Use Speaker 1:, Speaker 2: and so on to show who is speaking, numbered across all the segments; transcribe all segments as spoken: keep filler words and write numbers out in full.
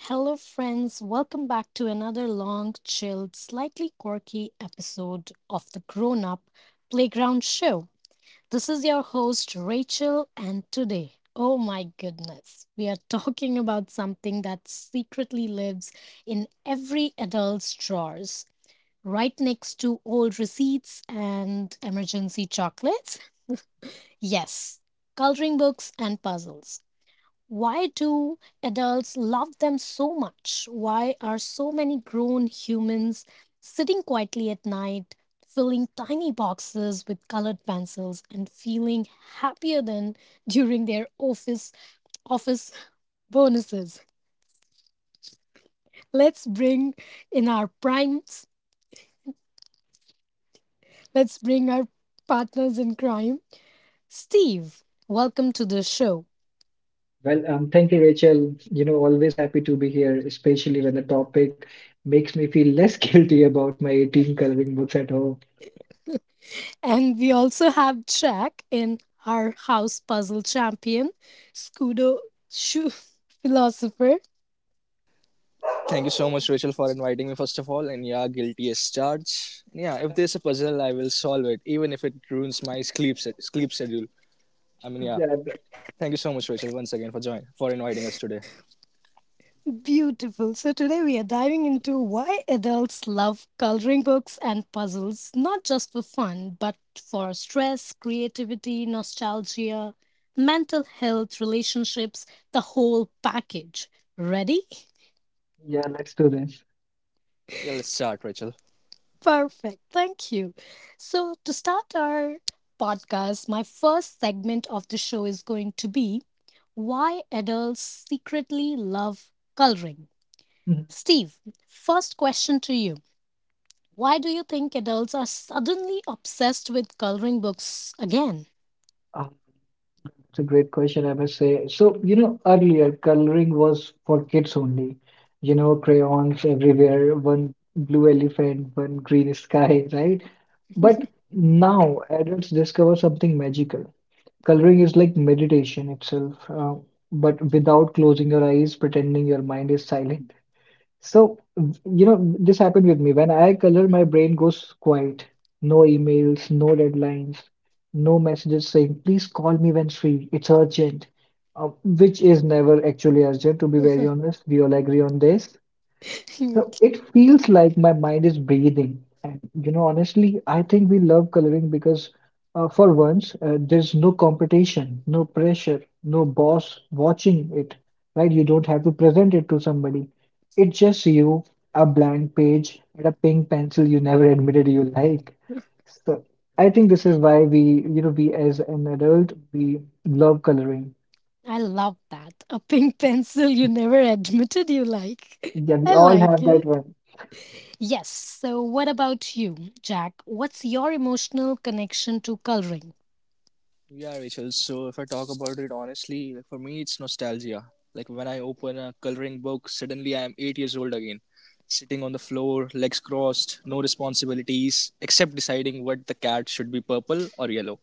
Speaker 1: Hello, friends. Welcome back to another long, chilled, slightly quirky episode of the Grown Up Playground Show. This is your host, Rachel, and today, oh my goodness, we are talking about something that secretly lives in every adult's drawers, right next to old receipts and emergency chocolates. Yes, coloring books and puzzles. Why do adults love them so much? Why are so many grown humans sitting quietly at night, filling tiny boxes with colored pencils and feeling happier than during their office office bonuses? Let's bring in our primes. Let's bring our partners in crime. Steve, welcome to the show.
Speaker 2: Well, um, thank you, Rachel. You know, always happy to be here, especially when the topic makes me feel less guilty about my eighteen coloring books at home.
Speaker 1: And we also have Jack in our house puzzle champion, Scudo Shoe philosopher.
Speaker 3: Thank you so much, Rachel, for inviting me, first of all. And yeah, guilty as charged. And yeah, if there's a puzzle, I will solve it, even if it ruins my sleep, se- sleep schedule. I mean, yeah.
Speaker 2: Yeah, but-
Speaker 3: Thank you so much, Rachel, once again for join for inviting us today.
Speaker 1: Beautiful. So today we are diving into why adults love coloring books and puzzles, not just for fun, but for stress, creativity, nostalgia, mental health, relationships, the whole package. Ready?
Speaker 2: yeah, let's do this.
Speaker 3: Yeah, let's start, Rachel.
Speaker 1: Perfect. Thank you. So, to start our podcast, my first segment of the show is going to be Why Adults Secretly Love Coloring.
Speaker 2: Mhm.
Speaker 1: Steve, first question to you. Why do you think adults are suddenly obsessed with coloring books again?
Speaker 2: Um, It's a great question, I must say. So, you know, earlier coloring was for kids only. You know, crayons everywhere, one blue elephant, one green sky, right? But now adults discover something magical. Coloring is like meditation itself, uh, but without closing your eyes, pretending your mind is silent. So, you know, this happened with me. When I color, my brain goes quiet. No emails, no deadlines, no messages saying, please call me when free. It's urgent, uh, which is never actually urgent, to be very honest. We all agree on this. So it feels like my mind is breathing. And you know, honestly, I think we love coloring because uh, for once, uh, there's no competition, no pressure, no boss watching it, right? You don't have to present it to somebody. It's just you, a blank page, and a pink pencil you never admitted you like. So I think this is why we, you know, we as an adult, we love coloring.
Speaker 1: I love that. A pink pencil you never admitted you like.
Speaker 2: Yeah, we
Speaker 1: I
Speaker 2: all
Speaker 1: like
Speaker 2: have that
Speaker 1: it.
Speaker 2: one.
Speaker 1: Yes. So, what about you, Jack? What's your emotional connection to coloring?
Speaker 3: Yeah, Rachel. So if I talk about it honestly, like for me, it's nostalgia. Like when I open a coloring book, suddenly I am eight years old again, sitting on the floor, legs crossed, no responsibilities except deciding what the cat should be, purple or yellow.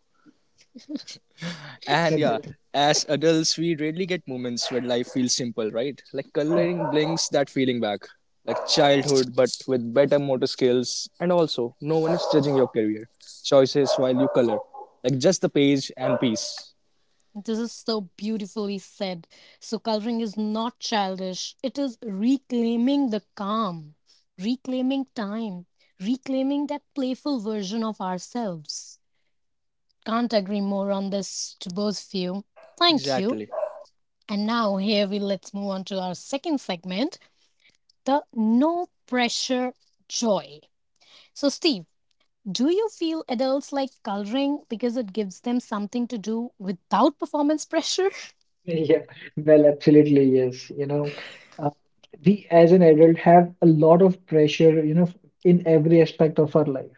Speaker 3: And
Speaker 2: Yeah,
Speaker 3: yeah,
Speaker 2: that.
Speaker 3: as adults, we rarely get moments where life feels simple, right? Like coloring brings that feeling back. Like childhood, but with better motor skills. And also, no one is judging your career choices while you color. Like just the page and piece.
Speaker 1: This is so beautifully said. So, coloring is not childish, it is reclaiming the calm, reclaiming time, reclaiming that playful version of ourselves. Can't agree more on this to both of you. Thank you.
Speaker 3: Exactly.
Speaker 1: And now, here we let's move on to our second segment, the no pressure joy. So, Steve, do you feel adults like coloring because it gives them something to do without performance pressure?
Speaker 2: Yeah, well, absolutely, yes. You know, uh, we as an adult have a lot of pressure, you know, in every aspect of our life.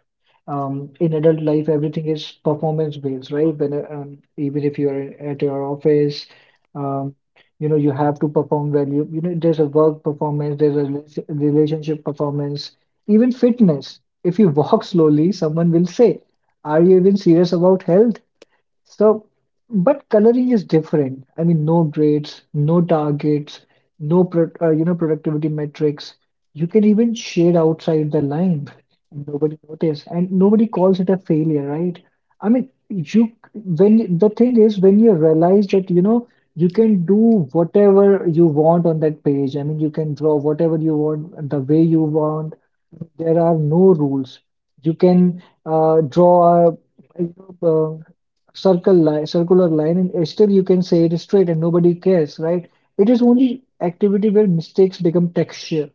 Speaker 2: Um, in adult life, everything is performance based, right? When, uh, um, even if you're at your office, um, you know, you have to perform well. You, you know, there's a work performance, there's a rela- relationship performance, even fitness. If you walk slowly, someone will say, are you even serious about health? So, but coloring is different. I mean, no grades, no targets, no pro uh, you know productivity metrics. You can even shade outside the line, and nobody notice, and nobody calls it a failure, right? I mean, you when the thing is when you realize that you know you can do whatever you want on that page. I mean, you can draw whatever you want, the way you want. There are no rules. You can uh, draw a circle line, circular line, and uh, still you can say it is straight and nobody cares, right? It is only activity where mistakes become texture,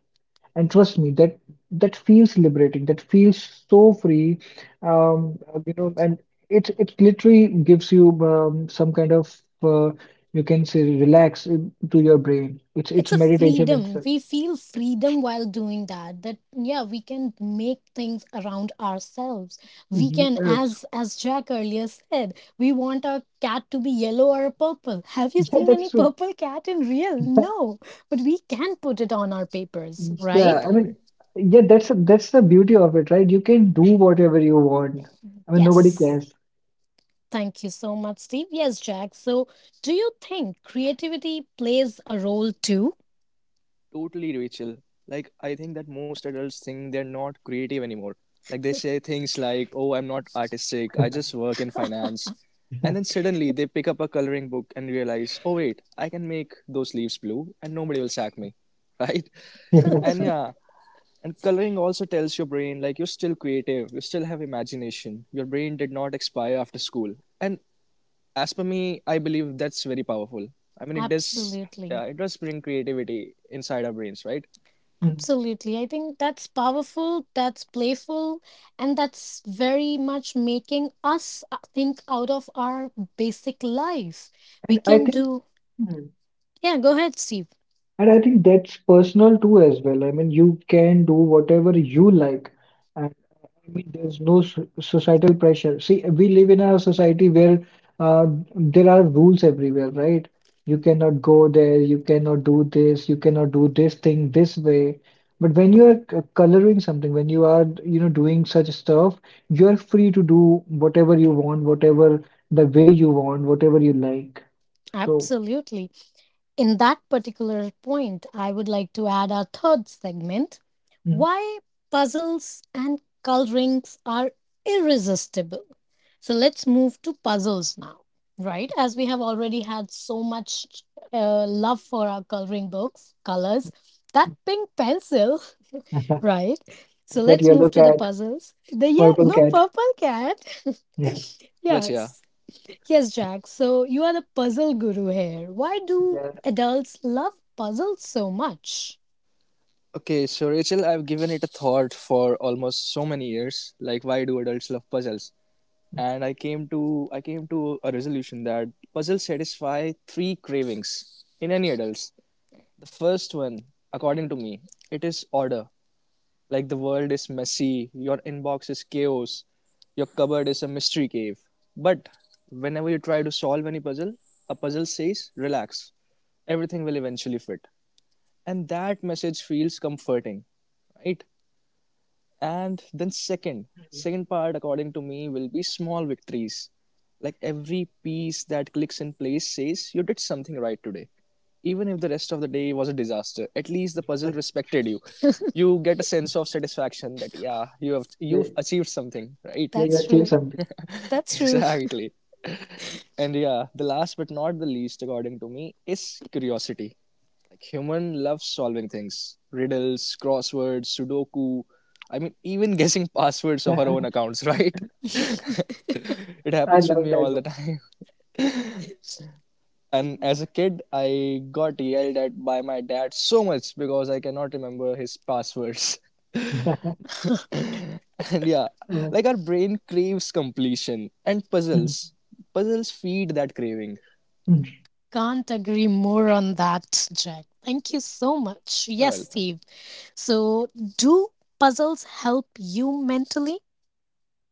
Speaker 2: and trust me, that that feels liberating, that feels so free, um, you know, and it it literally gives you um, some kind of uh, you can say relax in- to your brain. It's it's
Speaker 1: It's a
Speaker 2: meditation
Speaker 1: freedom.
Speaker 2: itself.
Speaker 1: We feel freedom while doing that. That yeah, we can make things around ourselves. We can,
Speaker 2: Yes,
Speaker 1: as as Jack earlier said, we want our cat to be yellow or purple. Have you
Speaker 2: yeah,
Speaker 1: seen any
Speaker 2: that's true.
Speaker 1: purple cat in real? No. But we can put it on our papers,
Speaker 2: Yeah,
Speaker 1: right?
Speaker 2: I mean,
Speaker 3: Exactly.
Speaker 2: yeah, that's that's the beauty of it, right? You can do whatever you want. I mean, nobody
Speaker 1: Yes.
Speaker 2: cares.
Speaker 1: Thank you so much, Steve. Yes, Jack. So, do you think creativity plays a role too?
Speaker 3: Totally, Rachel. Like, I think that most adults think they're not creative anymore. Like, they say things like, oh, I'm not artistic, I
Speaker 2: Yeah,
Speaker 3: just work in finance. And then suddenly they pick up a coloring book and realize, oh, wait, I can make those leaves blue and nobody will sack me. Right?
Speaker 2: yeah, that's
Speaker 3: And
Speaker 2: true.
Speaker 3: yeah, and coloring also tells your brain, like, you're still creative, you still have imagination, your brain did not expire after school. And as per me, I believe that's very powerful. I mean, it does, yeah,
Speaker 1: Absolutely.
Speaker 3: it does bring creativity inside our brains, right?
Speaker 2: Mm.
Speaker 1: Absolutely. I think that's powerful, that's playful, and that's very much making us uh, think out of our basic life. We
Speaker 2: And I
Speaker 1: can
Speaker 2: think,
Speaker 1: do,
Speaker 2: mm,
Speaker 1: yeah, go ahead, Steve.
Speaker 2: and I think that's personal too as well. I mean, you can do whatever you like, I mean, there's no so- societal pressure. See, we live in a society where uh, there are rules everywhere, right? You cannot go there, you cannot do this, you cannot do this thing this way. But when you are c- coloring something, when you are, you know, doing such stuff, you are free to do whatever you want, whatever the way you want, whatever you like. So
Speaker 1: Absolutely. In that particular point, I would like to add our third segment,
Speaker 2: mm,
Speaker 1: why puzzles and colorings are irresistible. So let's move to puzzles now, right? As we have already had so much uh, love for our coloring books, colors, that pink pencil, right? So
Speaker 2: that
Speaker 1: let's
Speaker 2: yellow
Speaker 1: move to the
Speaker 2: cat,
Speaker 1: puzzles. The yeah,
Speaker 2: purple
Speaker 1: no
Speaker 2: cat,
Speaker 1: purple cat.
Speaker 2: yeah,
Speaker 3: But yeah.
Speaker 1: yes. Yes, Jack. So you are the puzzle guru here. Why do
Speaker 2: yeah,
Speaker 1: adults love puzzles so much?
Speaker 3: Okay, so Rachel, I've given it a thought for almost so many years, like why do adults love puzzles? And I came to I came to a resolution that puzzles satisfy three cravings in any adults. The first one, according to me, it is order. Like the world is messy, your inbox is chaos, your cupboard is a mystery cave. But whenever you try to solve any puzzle, a puzzle says relax. Everything will eventually fit. And that message feels comforting, right? And then, second
Speaker 2: mm,
Speaker 3: second part according to me will be small victories. Like every piece that clicks in place says you did something right today. Even if the rest of the day was a disaster, at least the puzzle respected you. You get a sense of satisfaction that yeah, you have
Speaker 2: yeah,
Speaker 3: you've achieved something, right?
Speaker 2: yeah, you
Speaker 1: That's
Speaker 2: achieve
Speaker 1: true.
Speaker 2: something.
Speaker 1: That's true.
Speaker 3: exactly. And yeah, the last but not the least, according to me, is curiosity. Like human loves solving things. Riddles, crosswords, sudoku. I mean, even guessing passwords of our own accounts, right? it
Speaker 2: I
Speaker 3: happens with
Speaker 2: love
Speaker 3: me
Speaker 2: that
Speaker 3: all the
Speaker 2: one.
Speaker 3: time. And as a kid, I got yelled at by my dad so much because I cannot remember his passwords. and yeah,
Speaker 2: Mm,
Speaker 3: like our brain craves completion and
Speaker 2: mm,
Speaker 3: puzzles. Puzzles feed that craving.
Speaker 2: mm.
Speaker 1: Can't agree more on that, Jack. Thank you so much.
Speaker 3: You're
Speaker 1: Yes,
Speaker 3: welcome.
Speaker 1: Steve. So, do puzzles help you mentally?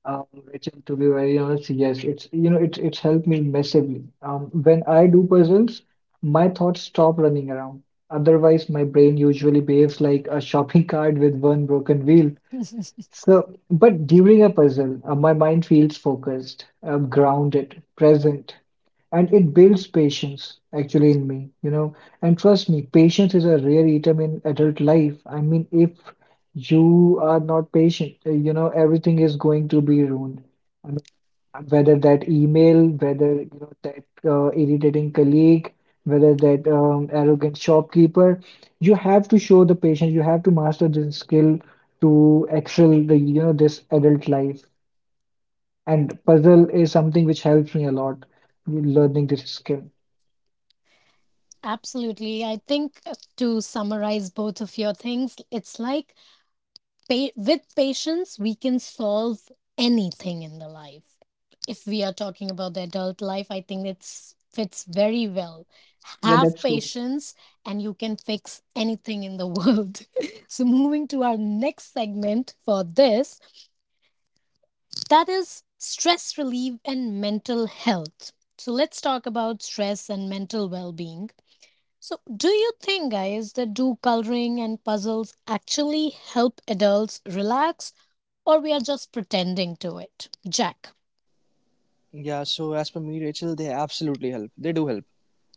Speaker 2: Um, Rachel, to be very honest, yes, it's you know it's it's helped me massively. Um, when I do puzzles, my thoughts stop running around. Otherwise, my brain usually behaves like a shopping cart with one broken wheel. So, but during a puzzle, uh, my mind feels focused, uh, grounded, present, and it builds patience actually in me, you know. And trust me, patience is a rare item in adult life. I mean, if you are not patient, uh, you know, everything is going to be ruined whether that email, whether you know that uh, irritating colleague, whether that um, arrogant shopkeeper, you have to show the patient, you have to master this skill to excel the you know this adult life. And puzzle is something which helps me a lot in learning this skill.
Speaker 1: Absolutely. I think uh, to summarize both of your things, it's like pa- with patience we can solve anything in the life. If we are talking about the adult life, I think it's fits very well.
Speaker 2: Yeah,
Speaker 1: Have
Speaker 2: that's true.
Speaker 1: patience and you can fix anything in the world. So moving to our next segment for this, that is stress relief and mental health. So let's talk about stress and mental well-being. So do you think, guys, that do coloring and puzzles actually help adults relax, or we are just pretending to it. Jack,
Speaker 3: Yeah, so as per me, Rachel, they absolutely help. They do help.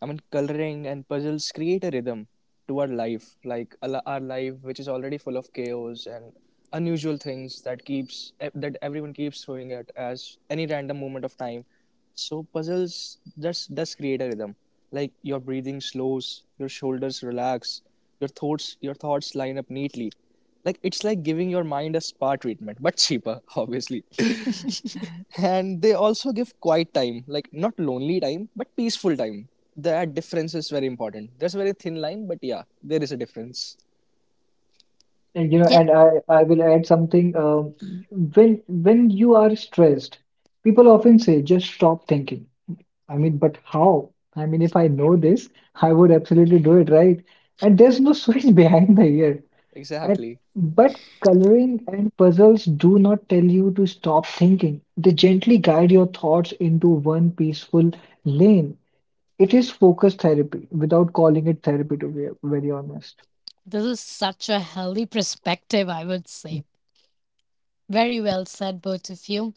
Speaker 3: I mean, coloring and puzzles create a rhythm to our life, like a li- our life, which is already full of chaos and unusual things that keeps eh, that everyone keeps throwing at as any random moment of time. So puzzles does does create a rhythm. Like your breathing slows, your shoulders relax, your thoughts your thoughts line up neatly. Like it's like giving your mind a spa treatment, but cheaper, obviously. And they also give quiet time, like not lonely time but peaceful time. That difference is very important. There's a very thin line, but yeah, there is a difference.
Speaker 2: And you know,
Speaker 1: yeah,
Speaker 2: and I I will add something. Um, when when you are stressed, people often say just stop thinking. I mean, but how? I mean, if I know this, I would absolutely do it, right? And there's no switch behind the ear. And
Speaker 3: Exactly,
Speaker 2: but coloring and puzzles do not tell you to stop thinking. They gently guide your thoughts into one peaceful lane. It is focus therapy without calling it therapy, to be very honest.
Speaker 1: this is such a healthy perspective, I would
Speaker 2: Mm,
Speaker 1: say. Very well said, both of you.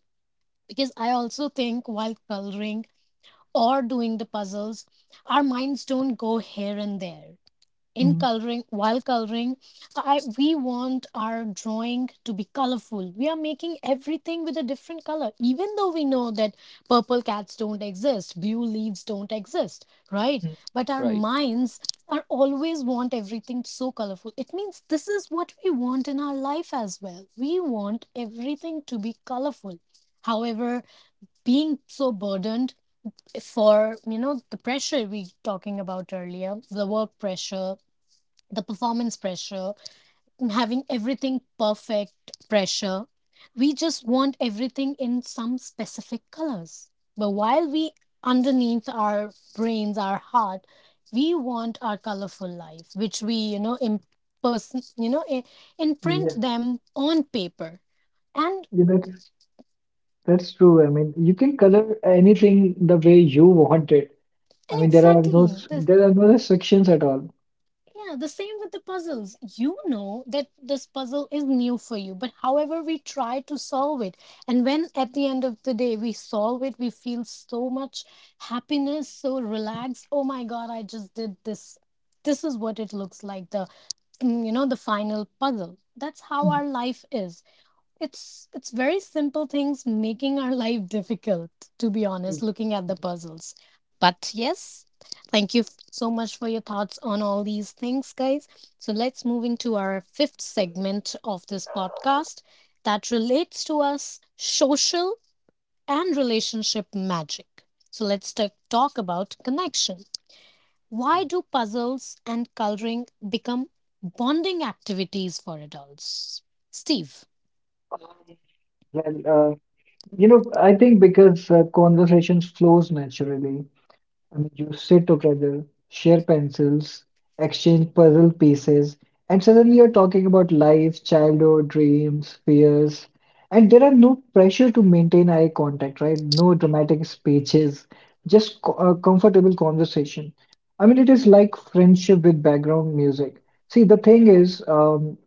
Speaker 1: Because I also think while coloring or doing the puzzles, our minds don't go here and there. In
Speaker 2: mm.
Speaker 1: coloring, while coloring I, we want our drawing to be colorful. We are making everything with a different color, even though we know that purple cats don't exist, blue leaves don't exist, right? But our
Speaker 3: right.
Speaker 1: minds are always want everything so colorful. It means this is what we want in our life as well. We want everything to be colorful. However, being so burdened for, you know, the pressure we talking about earlier, the work pressure, the performance pressure, and having everything perfect pressure. We just want everything in some specific colors. But while we underneath our brains, our heart, we want our colorful life, which we, you know, in person, you know, I- imprint
Speaker 2: Yeah,
Speaker 1: them on paper. And
Speaker 2: yeah, that's that's true. I mean, you can color anything the way you want it. I
Speaker 1: and
Speaker 2: mean, there are no
Speaker 1: exactly,
Speaker 2: s-
Speaker 1: this.
Speaker 2: there are no restrictions at all.
Speaker 1: Yeah, the same with the puzzles. You know that this puzzle is new for you, but however, we try to solve it. And when at the end of the day we solve it, we feel so much happiness, so relaxed. Oh my God, I just did this. This is what it looks like the, mm, you know, the final puzzle. That's how our life is. It's it's very simple things making our life difficult, to be
Speaker 2: Mm.
Speaker 1: honest, looking at the puzzles. But yes, thank you f- so much for your thoughts on all these things, guys. So let's move into our fifth segment of this podcast that relates to us social and relationship magic. So let's ta- talk about connection. Why do puzzles and coloring become bonding activities for adults? Steve.
Speaker 2: Well, uh, you know, I think because uh, conversation flows naturally. I mean, you sit together, share pencils, exchange puzzle pieces, and suddenly you're talking about life, childhood, dreams, fears. And there are no pressure to maintain eye contact, right? No dramatic speeches, just co uh, comfortable conversation. I mean, it is like friendship with background music. See, the thing is, um,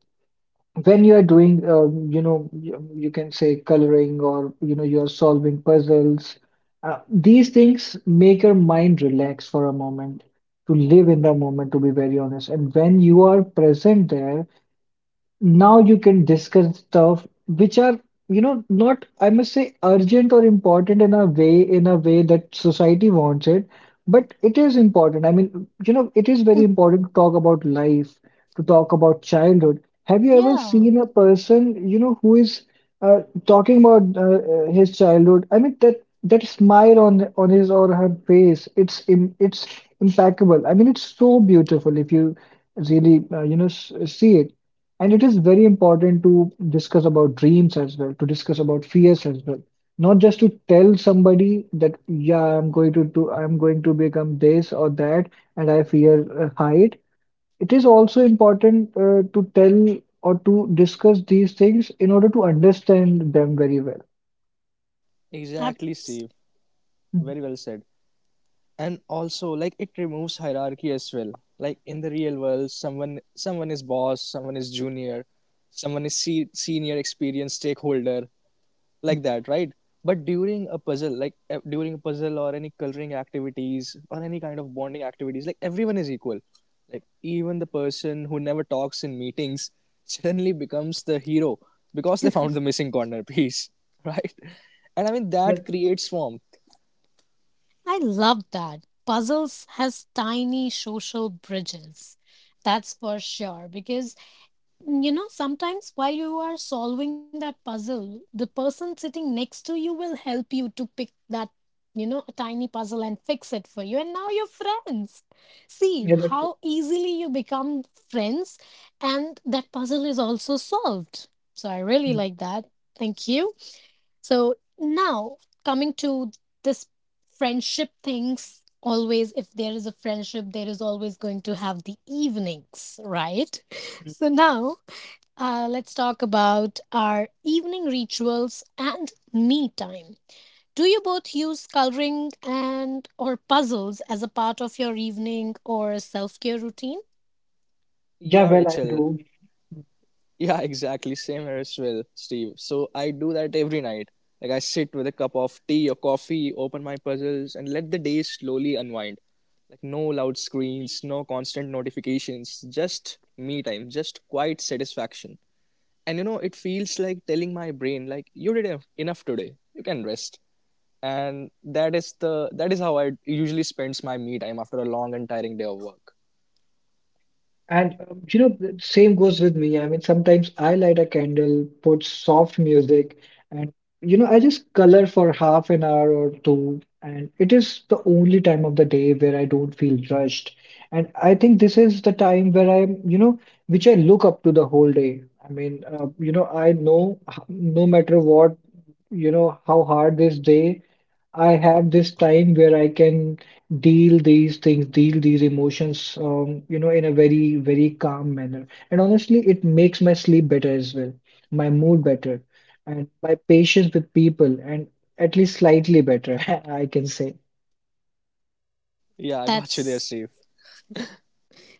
Speaker 2: when you are doing uh, you know you, you can say coloring or you know you're solving puzzles uh, these things make your mind relax for a moment to live in the moment to be very honest and when you are present there now you can discuss stuff which are, you know, not, I must say, urgent or important in a way, in a way that society wants it, but it is important. I mean, you know, it is very important to talk about life, to talk about childhood. Have you ever
Speaker 1: Yeah.
Speaker 2: seen a person, you know, who is uh, talking about uh, uh, his childhood? I mean, that that smile on on his or her face, it's im it's impeccable. I mean, it's so beautiful if you really, uh, you know, s see it. And it is very important to discuss about dreams as well, to discuss about fears as well. Not just to tell somebody that, yeah, I'm going to do, I'm going to become this or that, and I fear uh, height. It is also important uh, to tell or to discuss these things in order to understand them very well.
Speaker 3: Exactly,
Speaker 1: Abs-
Speaker 3: Steve.
Speaker 2: Mm,
Speaker 3: Very well said. And also, like, it removes hierarchy as well. Like in the real world, someone someone is boss, someone is junior, someone is se- senior experienced stakeholder, like that, right? But during a puzzle, like e- during a puzzle or any coloring activities or any kind of bonding activities, like everyone is equal. Like even the person who never talks in meetings suddenly becomes the hero because they found the missing corner piece, right? And I mean,
Speaker 2: yeah,
Speaker 3: that creates warmth.
Speaker 1: I love that. Puzzles has tiny social bridges. That's for sure. Because, you know, sometimes while you are solving that puzzle, the person sitting next to you will help you to pick that, you know, tiny puzzle and fix it for you. And now you're friends. See
Speaker 2: yeah, that's,
Speaker 1: how easily you become friends, and that puzzle is also solved. So I really
Speaker 2: mm,
Speaker 1: like that. Thank you. So now coming to this friendship things, always if there is a friendship, there is always going to have the evenings, right?
Speaker 2: mm.
Speaker 1: So now uh, let's talk about our evening rituals and me time. Do you both use coloring and or puzzles as a part of your evening or self-care routine?
Speaker 2: Yeah,
Speaker 3: Yeah,
Speaker 2: well, I
Speaker 3: Rachel.
Speaker 2: do.
Speaker 3: Yeah, exactly. Same here as well, Steve. So I do that every night. Like I sit with a cup of tea or coffee, open my puzzles, and let the day slowly unwind. Like no loud screens, no constant notifications, just me time, just quiet satisfaction. And you know, it feels like telling my brain, like, you did enough, enough today. You can rest. And that is the that is how I usually spends my me time after a long and tiring day of work.
Speaker 2: And um, you know, the same goes with me. I mean, sometimes I light a candle, put soft music, and you know, I just color for half an hour or two. And it is the only time of the day where I don't feel rushed. And I think this is the time where I'm, you know, which I look up to the whole day. I mean, uh, you know, I know h- no matter what, you know, how hard this day, I have this time where I can deal these things, deal these emotions, um, you know, in a very, very calm manner. And honestly, it makes my sleep better as well, my mood better, and my patience with people, and at least slightly better, I can say.
Speaker 3: Yeah, I got you there,
Speaker 1: That's
Speaker 3: Steve.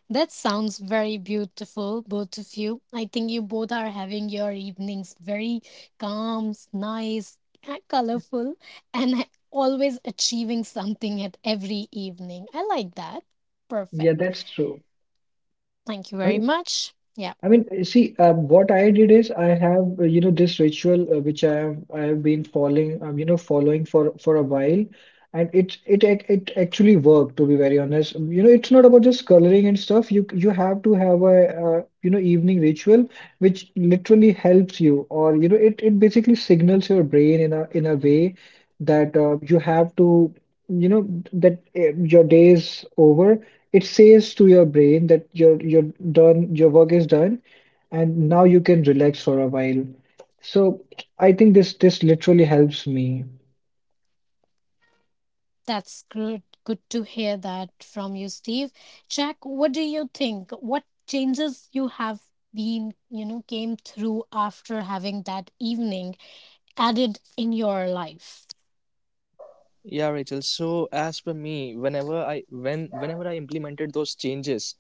Speaker 1: that sounds very beautiful, both of you. I think you both are having your evenings very calm, nice, colorful, and always achieving something at every evening. I like that.
Speaker 2: Yeah,
Speaker 1: Perfect.
Speaker 2: that's true.
Speaker 1: Thank you
Speaker 2: I
Speaker 1: very
Speaker 2: mean,
Speaker 1: much. Yeah,
Speaker 2: I mean, see, uh, what I did is I have, uh, you know, this ritual uh, which I have I have been following, um, you know, following for for a while, and it it ac- it actually worked to be very honest. Um, You know, it's not about just coloring and stuff. You you have to have a uh, you know evening ritual which literally helps you, or you know, it it basically signals your brain in a in a way that uh, you have to, you know, that uh, your day is over it says to your brain that you're you're done, your work is done, and now you can relax for a while. So I think this this literally helps me.
Speaker 1: that's good. Good to hear that from you, Steve. Jack, what do you think? What changes you have been, you know, came through after having that evening added in your life?
Speaker 3: Yeah, Rachel. So as per me, whenever I when whenever I implemented those changes,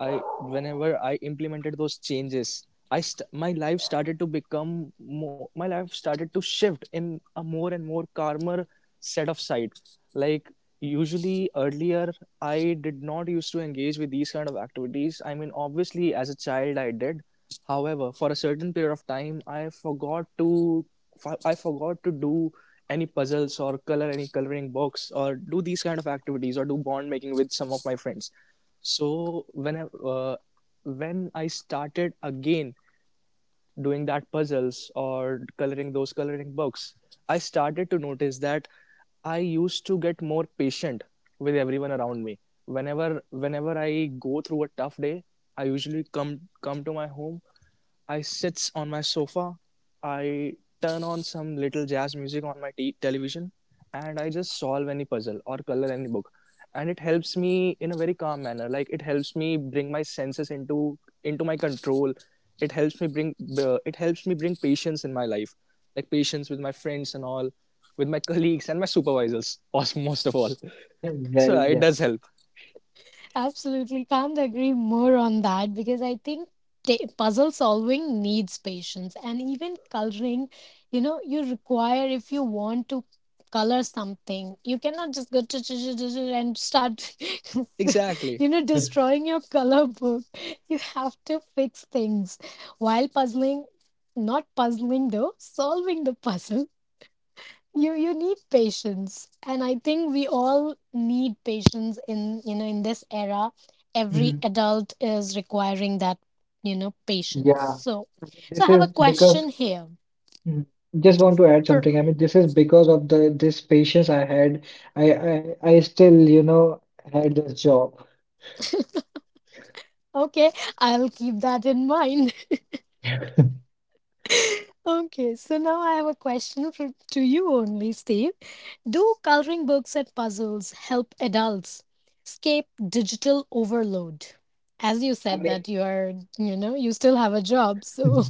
Speaker 3: I whenever I implemented those changes, I st- my life started to become more, my life started to shift in a more and more calmer set of side. Like usually earlier, I did not used to engage with these kind of activities. I mean, obviously as a child I did. However, for a certain period of time, I forgot to I forgot to do any puzzles or color any coloring books or do these kind of activities or do bond making with some of my friends. So when I uh, when I started again doing that puzzles or coloring those coloring books, I started to notice that I used to get more patient with everyone around me. Whenever whenever I go through a tough day, I usually come come to my home. I sits on my sofa. I turn on some little jazz music on my t- television, and I just solve any puzzle or color any book. And it helps me in a very calm manner. Like it helps me bring my senses into into my control. It helps me bring uh, it helps me bring patience in my life, like patience with my friends and all, with my colleagues and my supervisors, most most of all. So
Speaker 2: Well,
Speaker 3: yeah, it
Speaker 2: yeah.
Speaker 3: does help.
Speaker 1: Absolutely. Can't agree more on that because I think ta- puzzle solving needs patience, and even coloring, you know, you require if you want to color something, you cannot just go ch- ch- ch- ch- ch- and start,
Speaker 3: Exactly.
Speaker 1: you know, destroying your color book. You have to fix things while puzzling, not puzzling though, solving the puzzle. You you need patience, and I think we all need patience in, you know, in this era. Every
Speaker 2: Mhm.
Speaker 1: adult is requiring that, you know, patience.
Speaker 2: Yeah,
Speaker 1: So so I
Speaker 2: this
Speaker 1: have a
Speaker 2: is
Speaker 1: question
Speaker 2: because
Speaker 1: here
Speaker 2: mm, Just want to
Speaker 1: for
Speaker 2: add something. I mean, this is because of the this patience I had. I I, I still, you know, had this job.
Speaker 1: okay I'll keep that in mind.
Speaker 2: I
Speaker 1: Okay, so now I have a question for to you only, Steve. Do coloring books and puzzles help adults escape digital overload, as you said
Speaker 2: mean.
Speaker 1: that you are, you know, you still have a job, so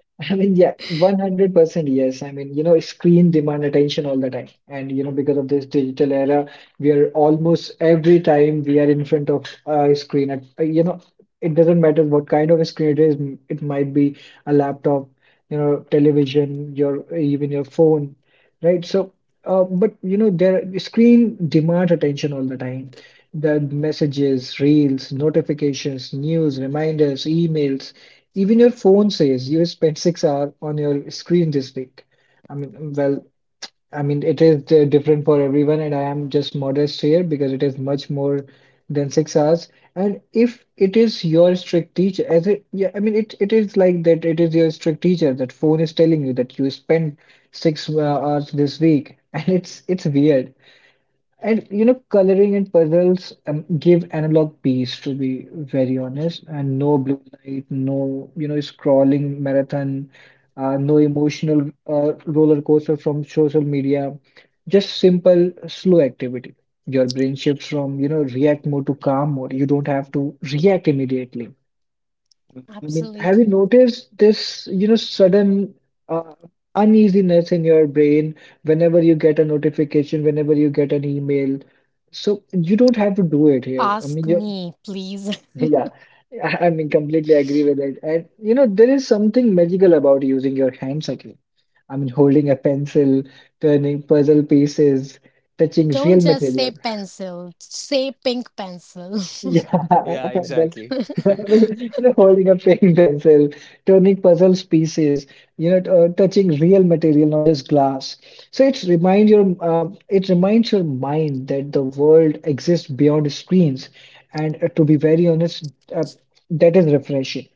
Speaker 2: I mean, yeah, one hundred percent yes. I mean, you know, screen demand attention all the time. And, you know, because of this digital era, we are almost every time we are in front of a screen at, uh, you know, it doesn't matter what kind of a screen it is. m- It might be a laptop, you know, television, your even your phone, right? So, uh, but, you know, there screen demand attention all the time. The messages, reels, notifications, news, reminders, emails, even your phone says you spent six hours on your screen this week. I mean, well, I mean, it is uh, different for everyone, and I am just modest here because it is much more than six hours. And if it is your strict teacher, as it, yeah, I mean, it, it is like that, it is your strict teacher. That phone is telling you that you spent six uh, hours this week, and it's it's weird. And you know, coloring and puzzles um, give analog peace, to be very honest. And no blue light, no, you know, scrolling marathon, uh, no emotional uh, roller coaster from social media, just simple, slow activity. Your brain shifts from, you know, react mode to calm mode. You don't have to react immediately. I mean, have you
Speaker 1: absolutely.
Speaker 2: noticed this, you know, sudden uh, uneasiness in your brain whenever you get a notification, whenever you get an email? So you don't have to do it here. I
Speaker 1: Ask
Speaker 2: mean, you,
Speaker 1: me, please.
Speaker 2: yeah, I I mean, completely agree with it. And you know, there is something magical about using your hands again. I mean, holding a pencil, turning puzzle pieces, touching
Speaker 1: Don't
Speaker 2: real
Speaker 1: just say
Speaker 2: material.
Speaker 1: pencil, say pink pencil.
Speaker 2: Yeah,
Speaker 3: Yeah.
Speaker 2: well,
Speaker 3: Exactly.
Speaker 2: well, you know, holding a paying pencil, turning puzzles pieces, you know, t- uh, touching real material, not just glass. So it reminds your uh, it reminds your mind that the world exists beyond screens, and uh, to be very honest, uh, that is refreshing.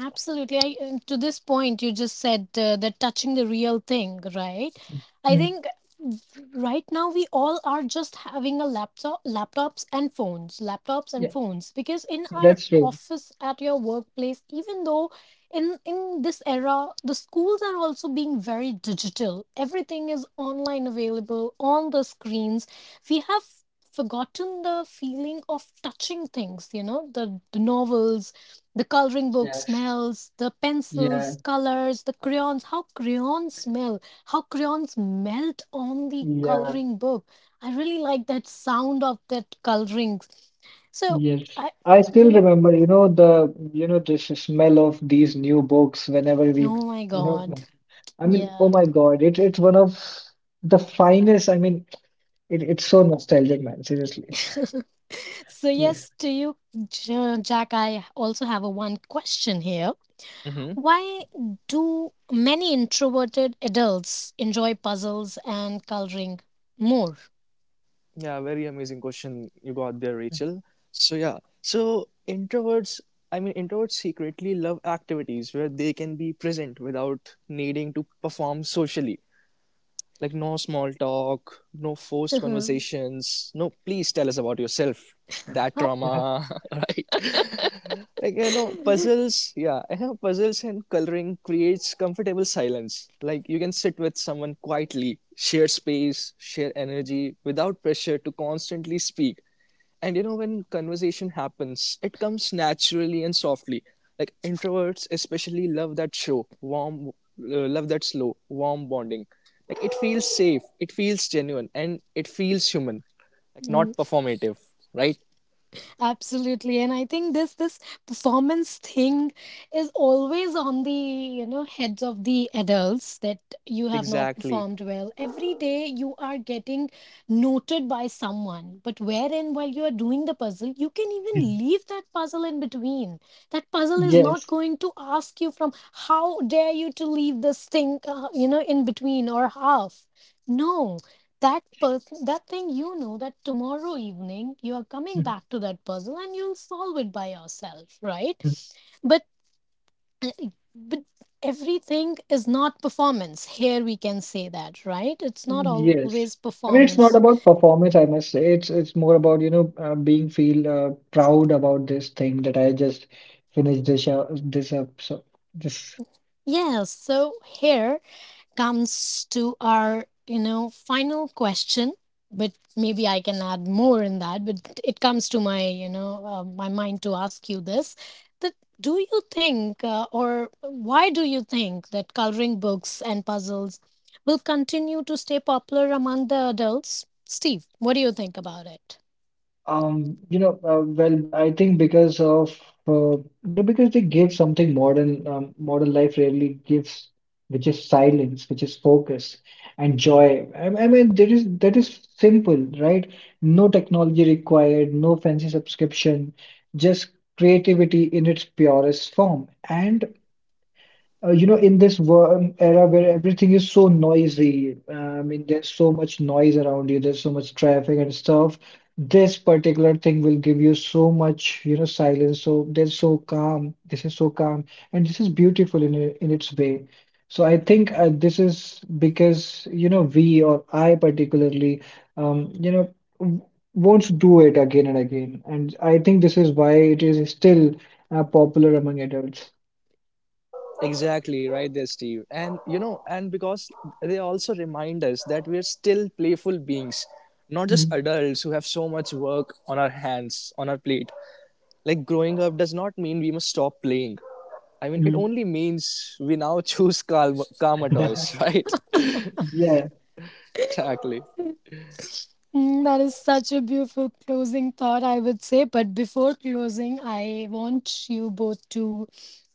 Speaker 1: Absolutely. I, uh, to this point, you just said uh, that touching the real thing, right? I
Speaker 2: Mm,
Speaker 1: think right now we all are just having a laptop, laptops and phones, laptops and
Speaker 2: yeah,
Speaker 1: phones, because in our
Speaker 2: that's true.
Speaker 1: office, at your workplace, even though in in this era, the schools are also being very digital. Everything is online available on the screens. We have forgotten the feeling of touching things, you know, the, the novels, the coloring book
Speaker 2: Yes.
Speaker 1: smells, the
Speaker 2: Yeah.
Speaker 1: pencils, colors, the crayons, how crayons smell, how crayons melt on the
Speaker 2: Yeah,
Speaker 1: coloring book. I really like that sound of that coloring. So,
Speaker 2: yes.
Speaker 1: I,
Speaker 2: I still
Speaker 1: you know,
Speaker 2: remember, you know, the you know this smell of these new books whenever we,
Speaker 1: oh my
Speaker 2: you know,
Speaker 1: god.
Speaker 2: I mean, oh
Speaker 1: Yeah.
Speaker 2: my God, it, it's one of the finest. I mean, it, it's so nostalgic, man. Seriously.
Speaker 1: So,
Speaker 2: Yes.
Speaker 1: yes, to you, J- Jack, I also have a one question here.
Speaker 3: hmm.
Speaker 1: Why do many introverted adults enjoy puzzles and coloring more?
Speaker 3: Yeah, very amazing question you got there, Rachel. So, yeah, so introverts, I mean, introverts secretly love activities where they can be present without needing to perform socially. Like, no small talk, no forced conversations. No, please tell us about yourself. That
Speaker 2: Yeah.
Speaker 3: trauma, right? like, you know,
Speaker 1: Huh?
Speaker 3: puzzles, yeah, you know, puzzles and coloring creates comfortable silence. Like, you can sit with someone quietly, share space, share energy without pressure to constantly speak. And you know, when conversation happens, it comes naturally and softly. Like introverts especially love that show warm uh, love that slow warm bonding. Like it feels safe, it feels genuine, and it feels human, like
Speaker 1: Mm,
Speaker 3: not performative, right?
Speaker 1: absolutely. And I think this this performance thing is always on the, you know, heads of the adults that you have not
Speaker 3: Exactly.
Speaker 1: performed well. Every day you are getting noted by someone, but wherein while you are doing the puzzle, you can even leave that puzzle in between. That puzzle is not
Speaker 2: Yes.
Speaker 1: going to ask you from how dare you to leave this thing, uh, you know, in between or half. No, that person, that thing, you know, that tomorrow evening you are coming back to that puzzle and you'll solve it by yourself, right?
Speaker 2: Mhm.
Speaker 1: But uh, but everything is not performance here, we can say that, right? It's not always
Speaker 2: Yes. I mean, it's
Speaker 1: performance.
Speaker 2: not about performance, I must say. It's it's more about, you know, uh, being feel uh, proud about this thing that I just finished this up, this up. So this
Speaker 1: Yes, so here comes to our, you know, final question. But maybe I can add more in that. But it comes to my, you know, uh, my mind to ask you this: that do you think, uh, or why do you think that coloring books and puzzles will continue to stay popular among the adults? Steve, what do you think about it?
Speaker 2: Um, you know, uh, well, I think because of uh, you know, because they give something modern, um, modern life rarely gives, which is silence, which is focus and joy. I, I mean, there is that is simple, right? No technology required, no fancy subscription, just creativity in its purest form. And uh, you know, in this worm era where everything is so noisy, uh, I mean, there's so much noise around you, there's so much traffic and stuff. This particular thing will give you so much, you know, silence. So they're so calm. This is so calm, and this is beautiful in i- in its way. So I think uh, this is because you know we or I particularly, um, you know, w- won't do it again and again, and I think this is why it is still uh, popular among adults.
Speaker 3: Exactly right there, Steve. And you know, and because they also remind us that we're still playful beings, not just
Speaker 2: Mhm,
Speaker 3: adults who have so much work on our hands, on our plate. Like growing up does not mean we must stop playing. I mean, it
Speaker 2: mhm.
Speaker 3: only means we now choose Karma, karma toys, right?
Speaker 2: Yeah.
Speaker 3: exactly.
Speaker 1: Mm, that is such a beautiful closing thought, I would say. But before closing, I want you both to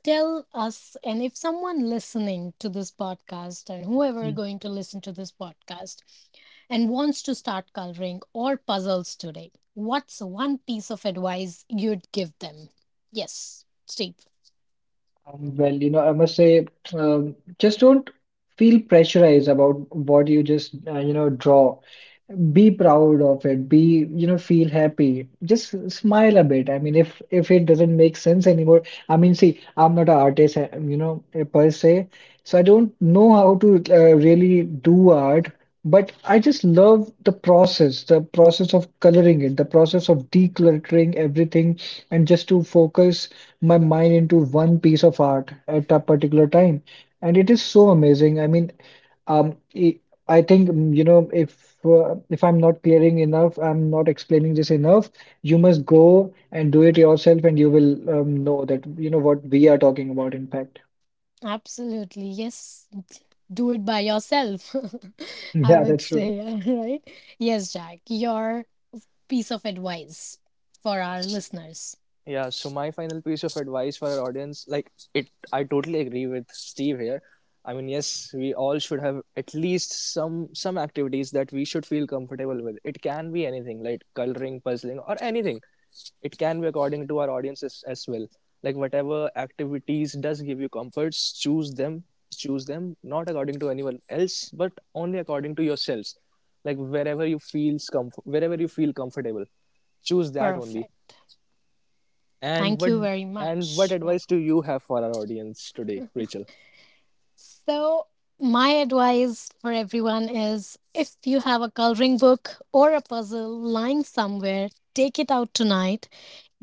Speaker 1: tell us, and if someone listening to this podcast and whoever
Speaker 2: Mm.
Speaker 1: going to listen to this podcast and wants to start coloring or puzzles today, what's one piece of advice you'd give them? Yes, Steve.
Speaker 2: Um, Well, you know, I must say, um, just don't feel pressurized about what you just, uh, you know, draw. Be proud of it. Be, you know, feel happy. Just smile a bit. I mean, if if it doesn't make sense anymore. I mean, see, I'm not an artist, uh, you know, uh, per se, so I don't know how to uh, really do art. But I just love the process, the process of coloring it, the process of decluttering everything and just to focus my mind into one piece of art at a particular time. And it is so amazing. I mean, um, I I think mm, you know, if uh, if I'm not clearing enough, I'm not explaining this enough. You must go and do it yourself, and you will um, know that you know what we are talking about. In fact,
Speaker 1: Absolutely. Yes. Do it by yourself, I
Speaker 2: yeah,
Speaker 1: would
Speaker 2: that's true.
Speaker 1: say. Right? Yes, Jack. Your piece of advice for our
Speaker 3: Yes.
Speaker 1: listeners.
Speaker 3: Yeah. So my final piece of advice for our audience, like, it, I totally agree with Steve here. I mean, yes, we all should have at least some some activities that we should feel comfortable with. It can be anything, like coloring, puzzling, or anything. It can be according to our audiences as well. Like whatever activities does give you comforts, choose them. Choose them not according to anyone else but only according to yourselves. Like wherever you feels comf- wherever you feel comfortable, choose that only.
Speaker 1: Perfect.
Speaker 3: and
Speaker 1: Thank
Speaker 3: what
Speaker 1: you very
Speaker 3: and what
Speaker 1: much. Yeah.
Speaker 3: advice do you have for our audience today, Rachel?
Speaker 1: So, my advice for everyone is if you have a coloring book or a puzzle lying somewhere, take it out tonight.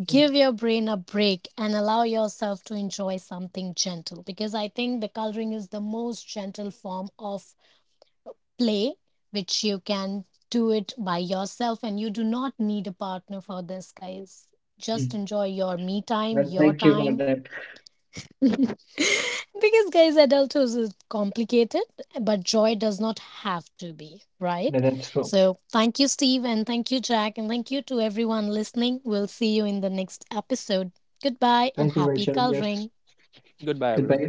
Speaker 1: Give your brain a break and allow yourself to enjoy something gentle, because I think the coloring is the most gentle form of play, which you can do it by yourself and you do not need a partner for this, guys. Just
Speaker 2: Mhm.
Speaker 1: enjoy your me time,
Speaker 2: Well,
Speaker 1: your
Speaker 2: thank you for
Speaker 1: time.
Speaker 2: that.
Speaker 1: Because guys, adulthood is complicated but joy does not have to be,
Speaker 2: Yeah,
Speaker 1: right?
Speaker 2: that's true.
Speaker 1: So thank you, Steve, and thank you, Jack, and thank you to everyone listening. We'll see you in the next episode. Goodbye
Speaker 2: Thank
Speaker 1: and
Speaker 2: you,
Speaker 1: happy
Speaker 2: Rachel. Yes.
Speaker 1: coloring.
Speaker 3: Goodbye,
Speaker 2: Goodbye.
Speaker 3: everyone.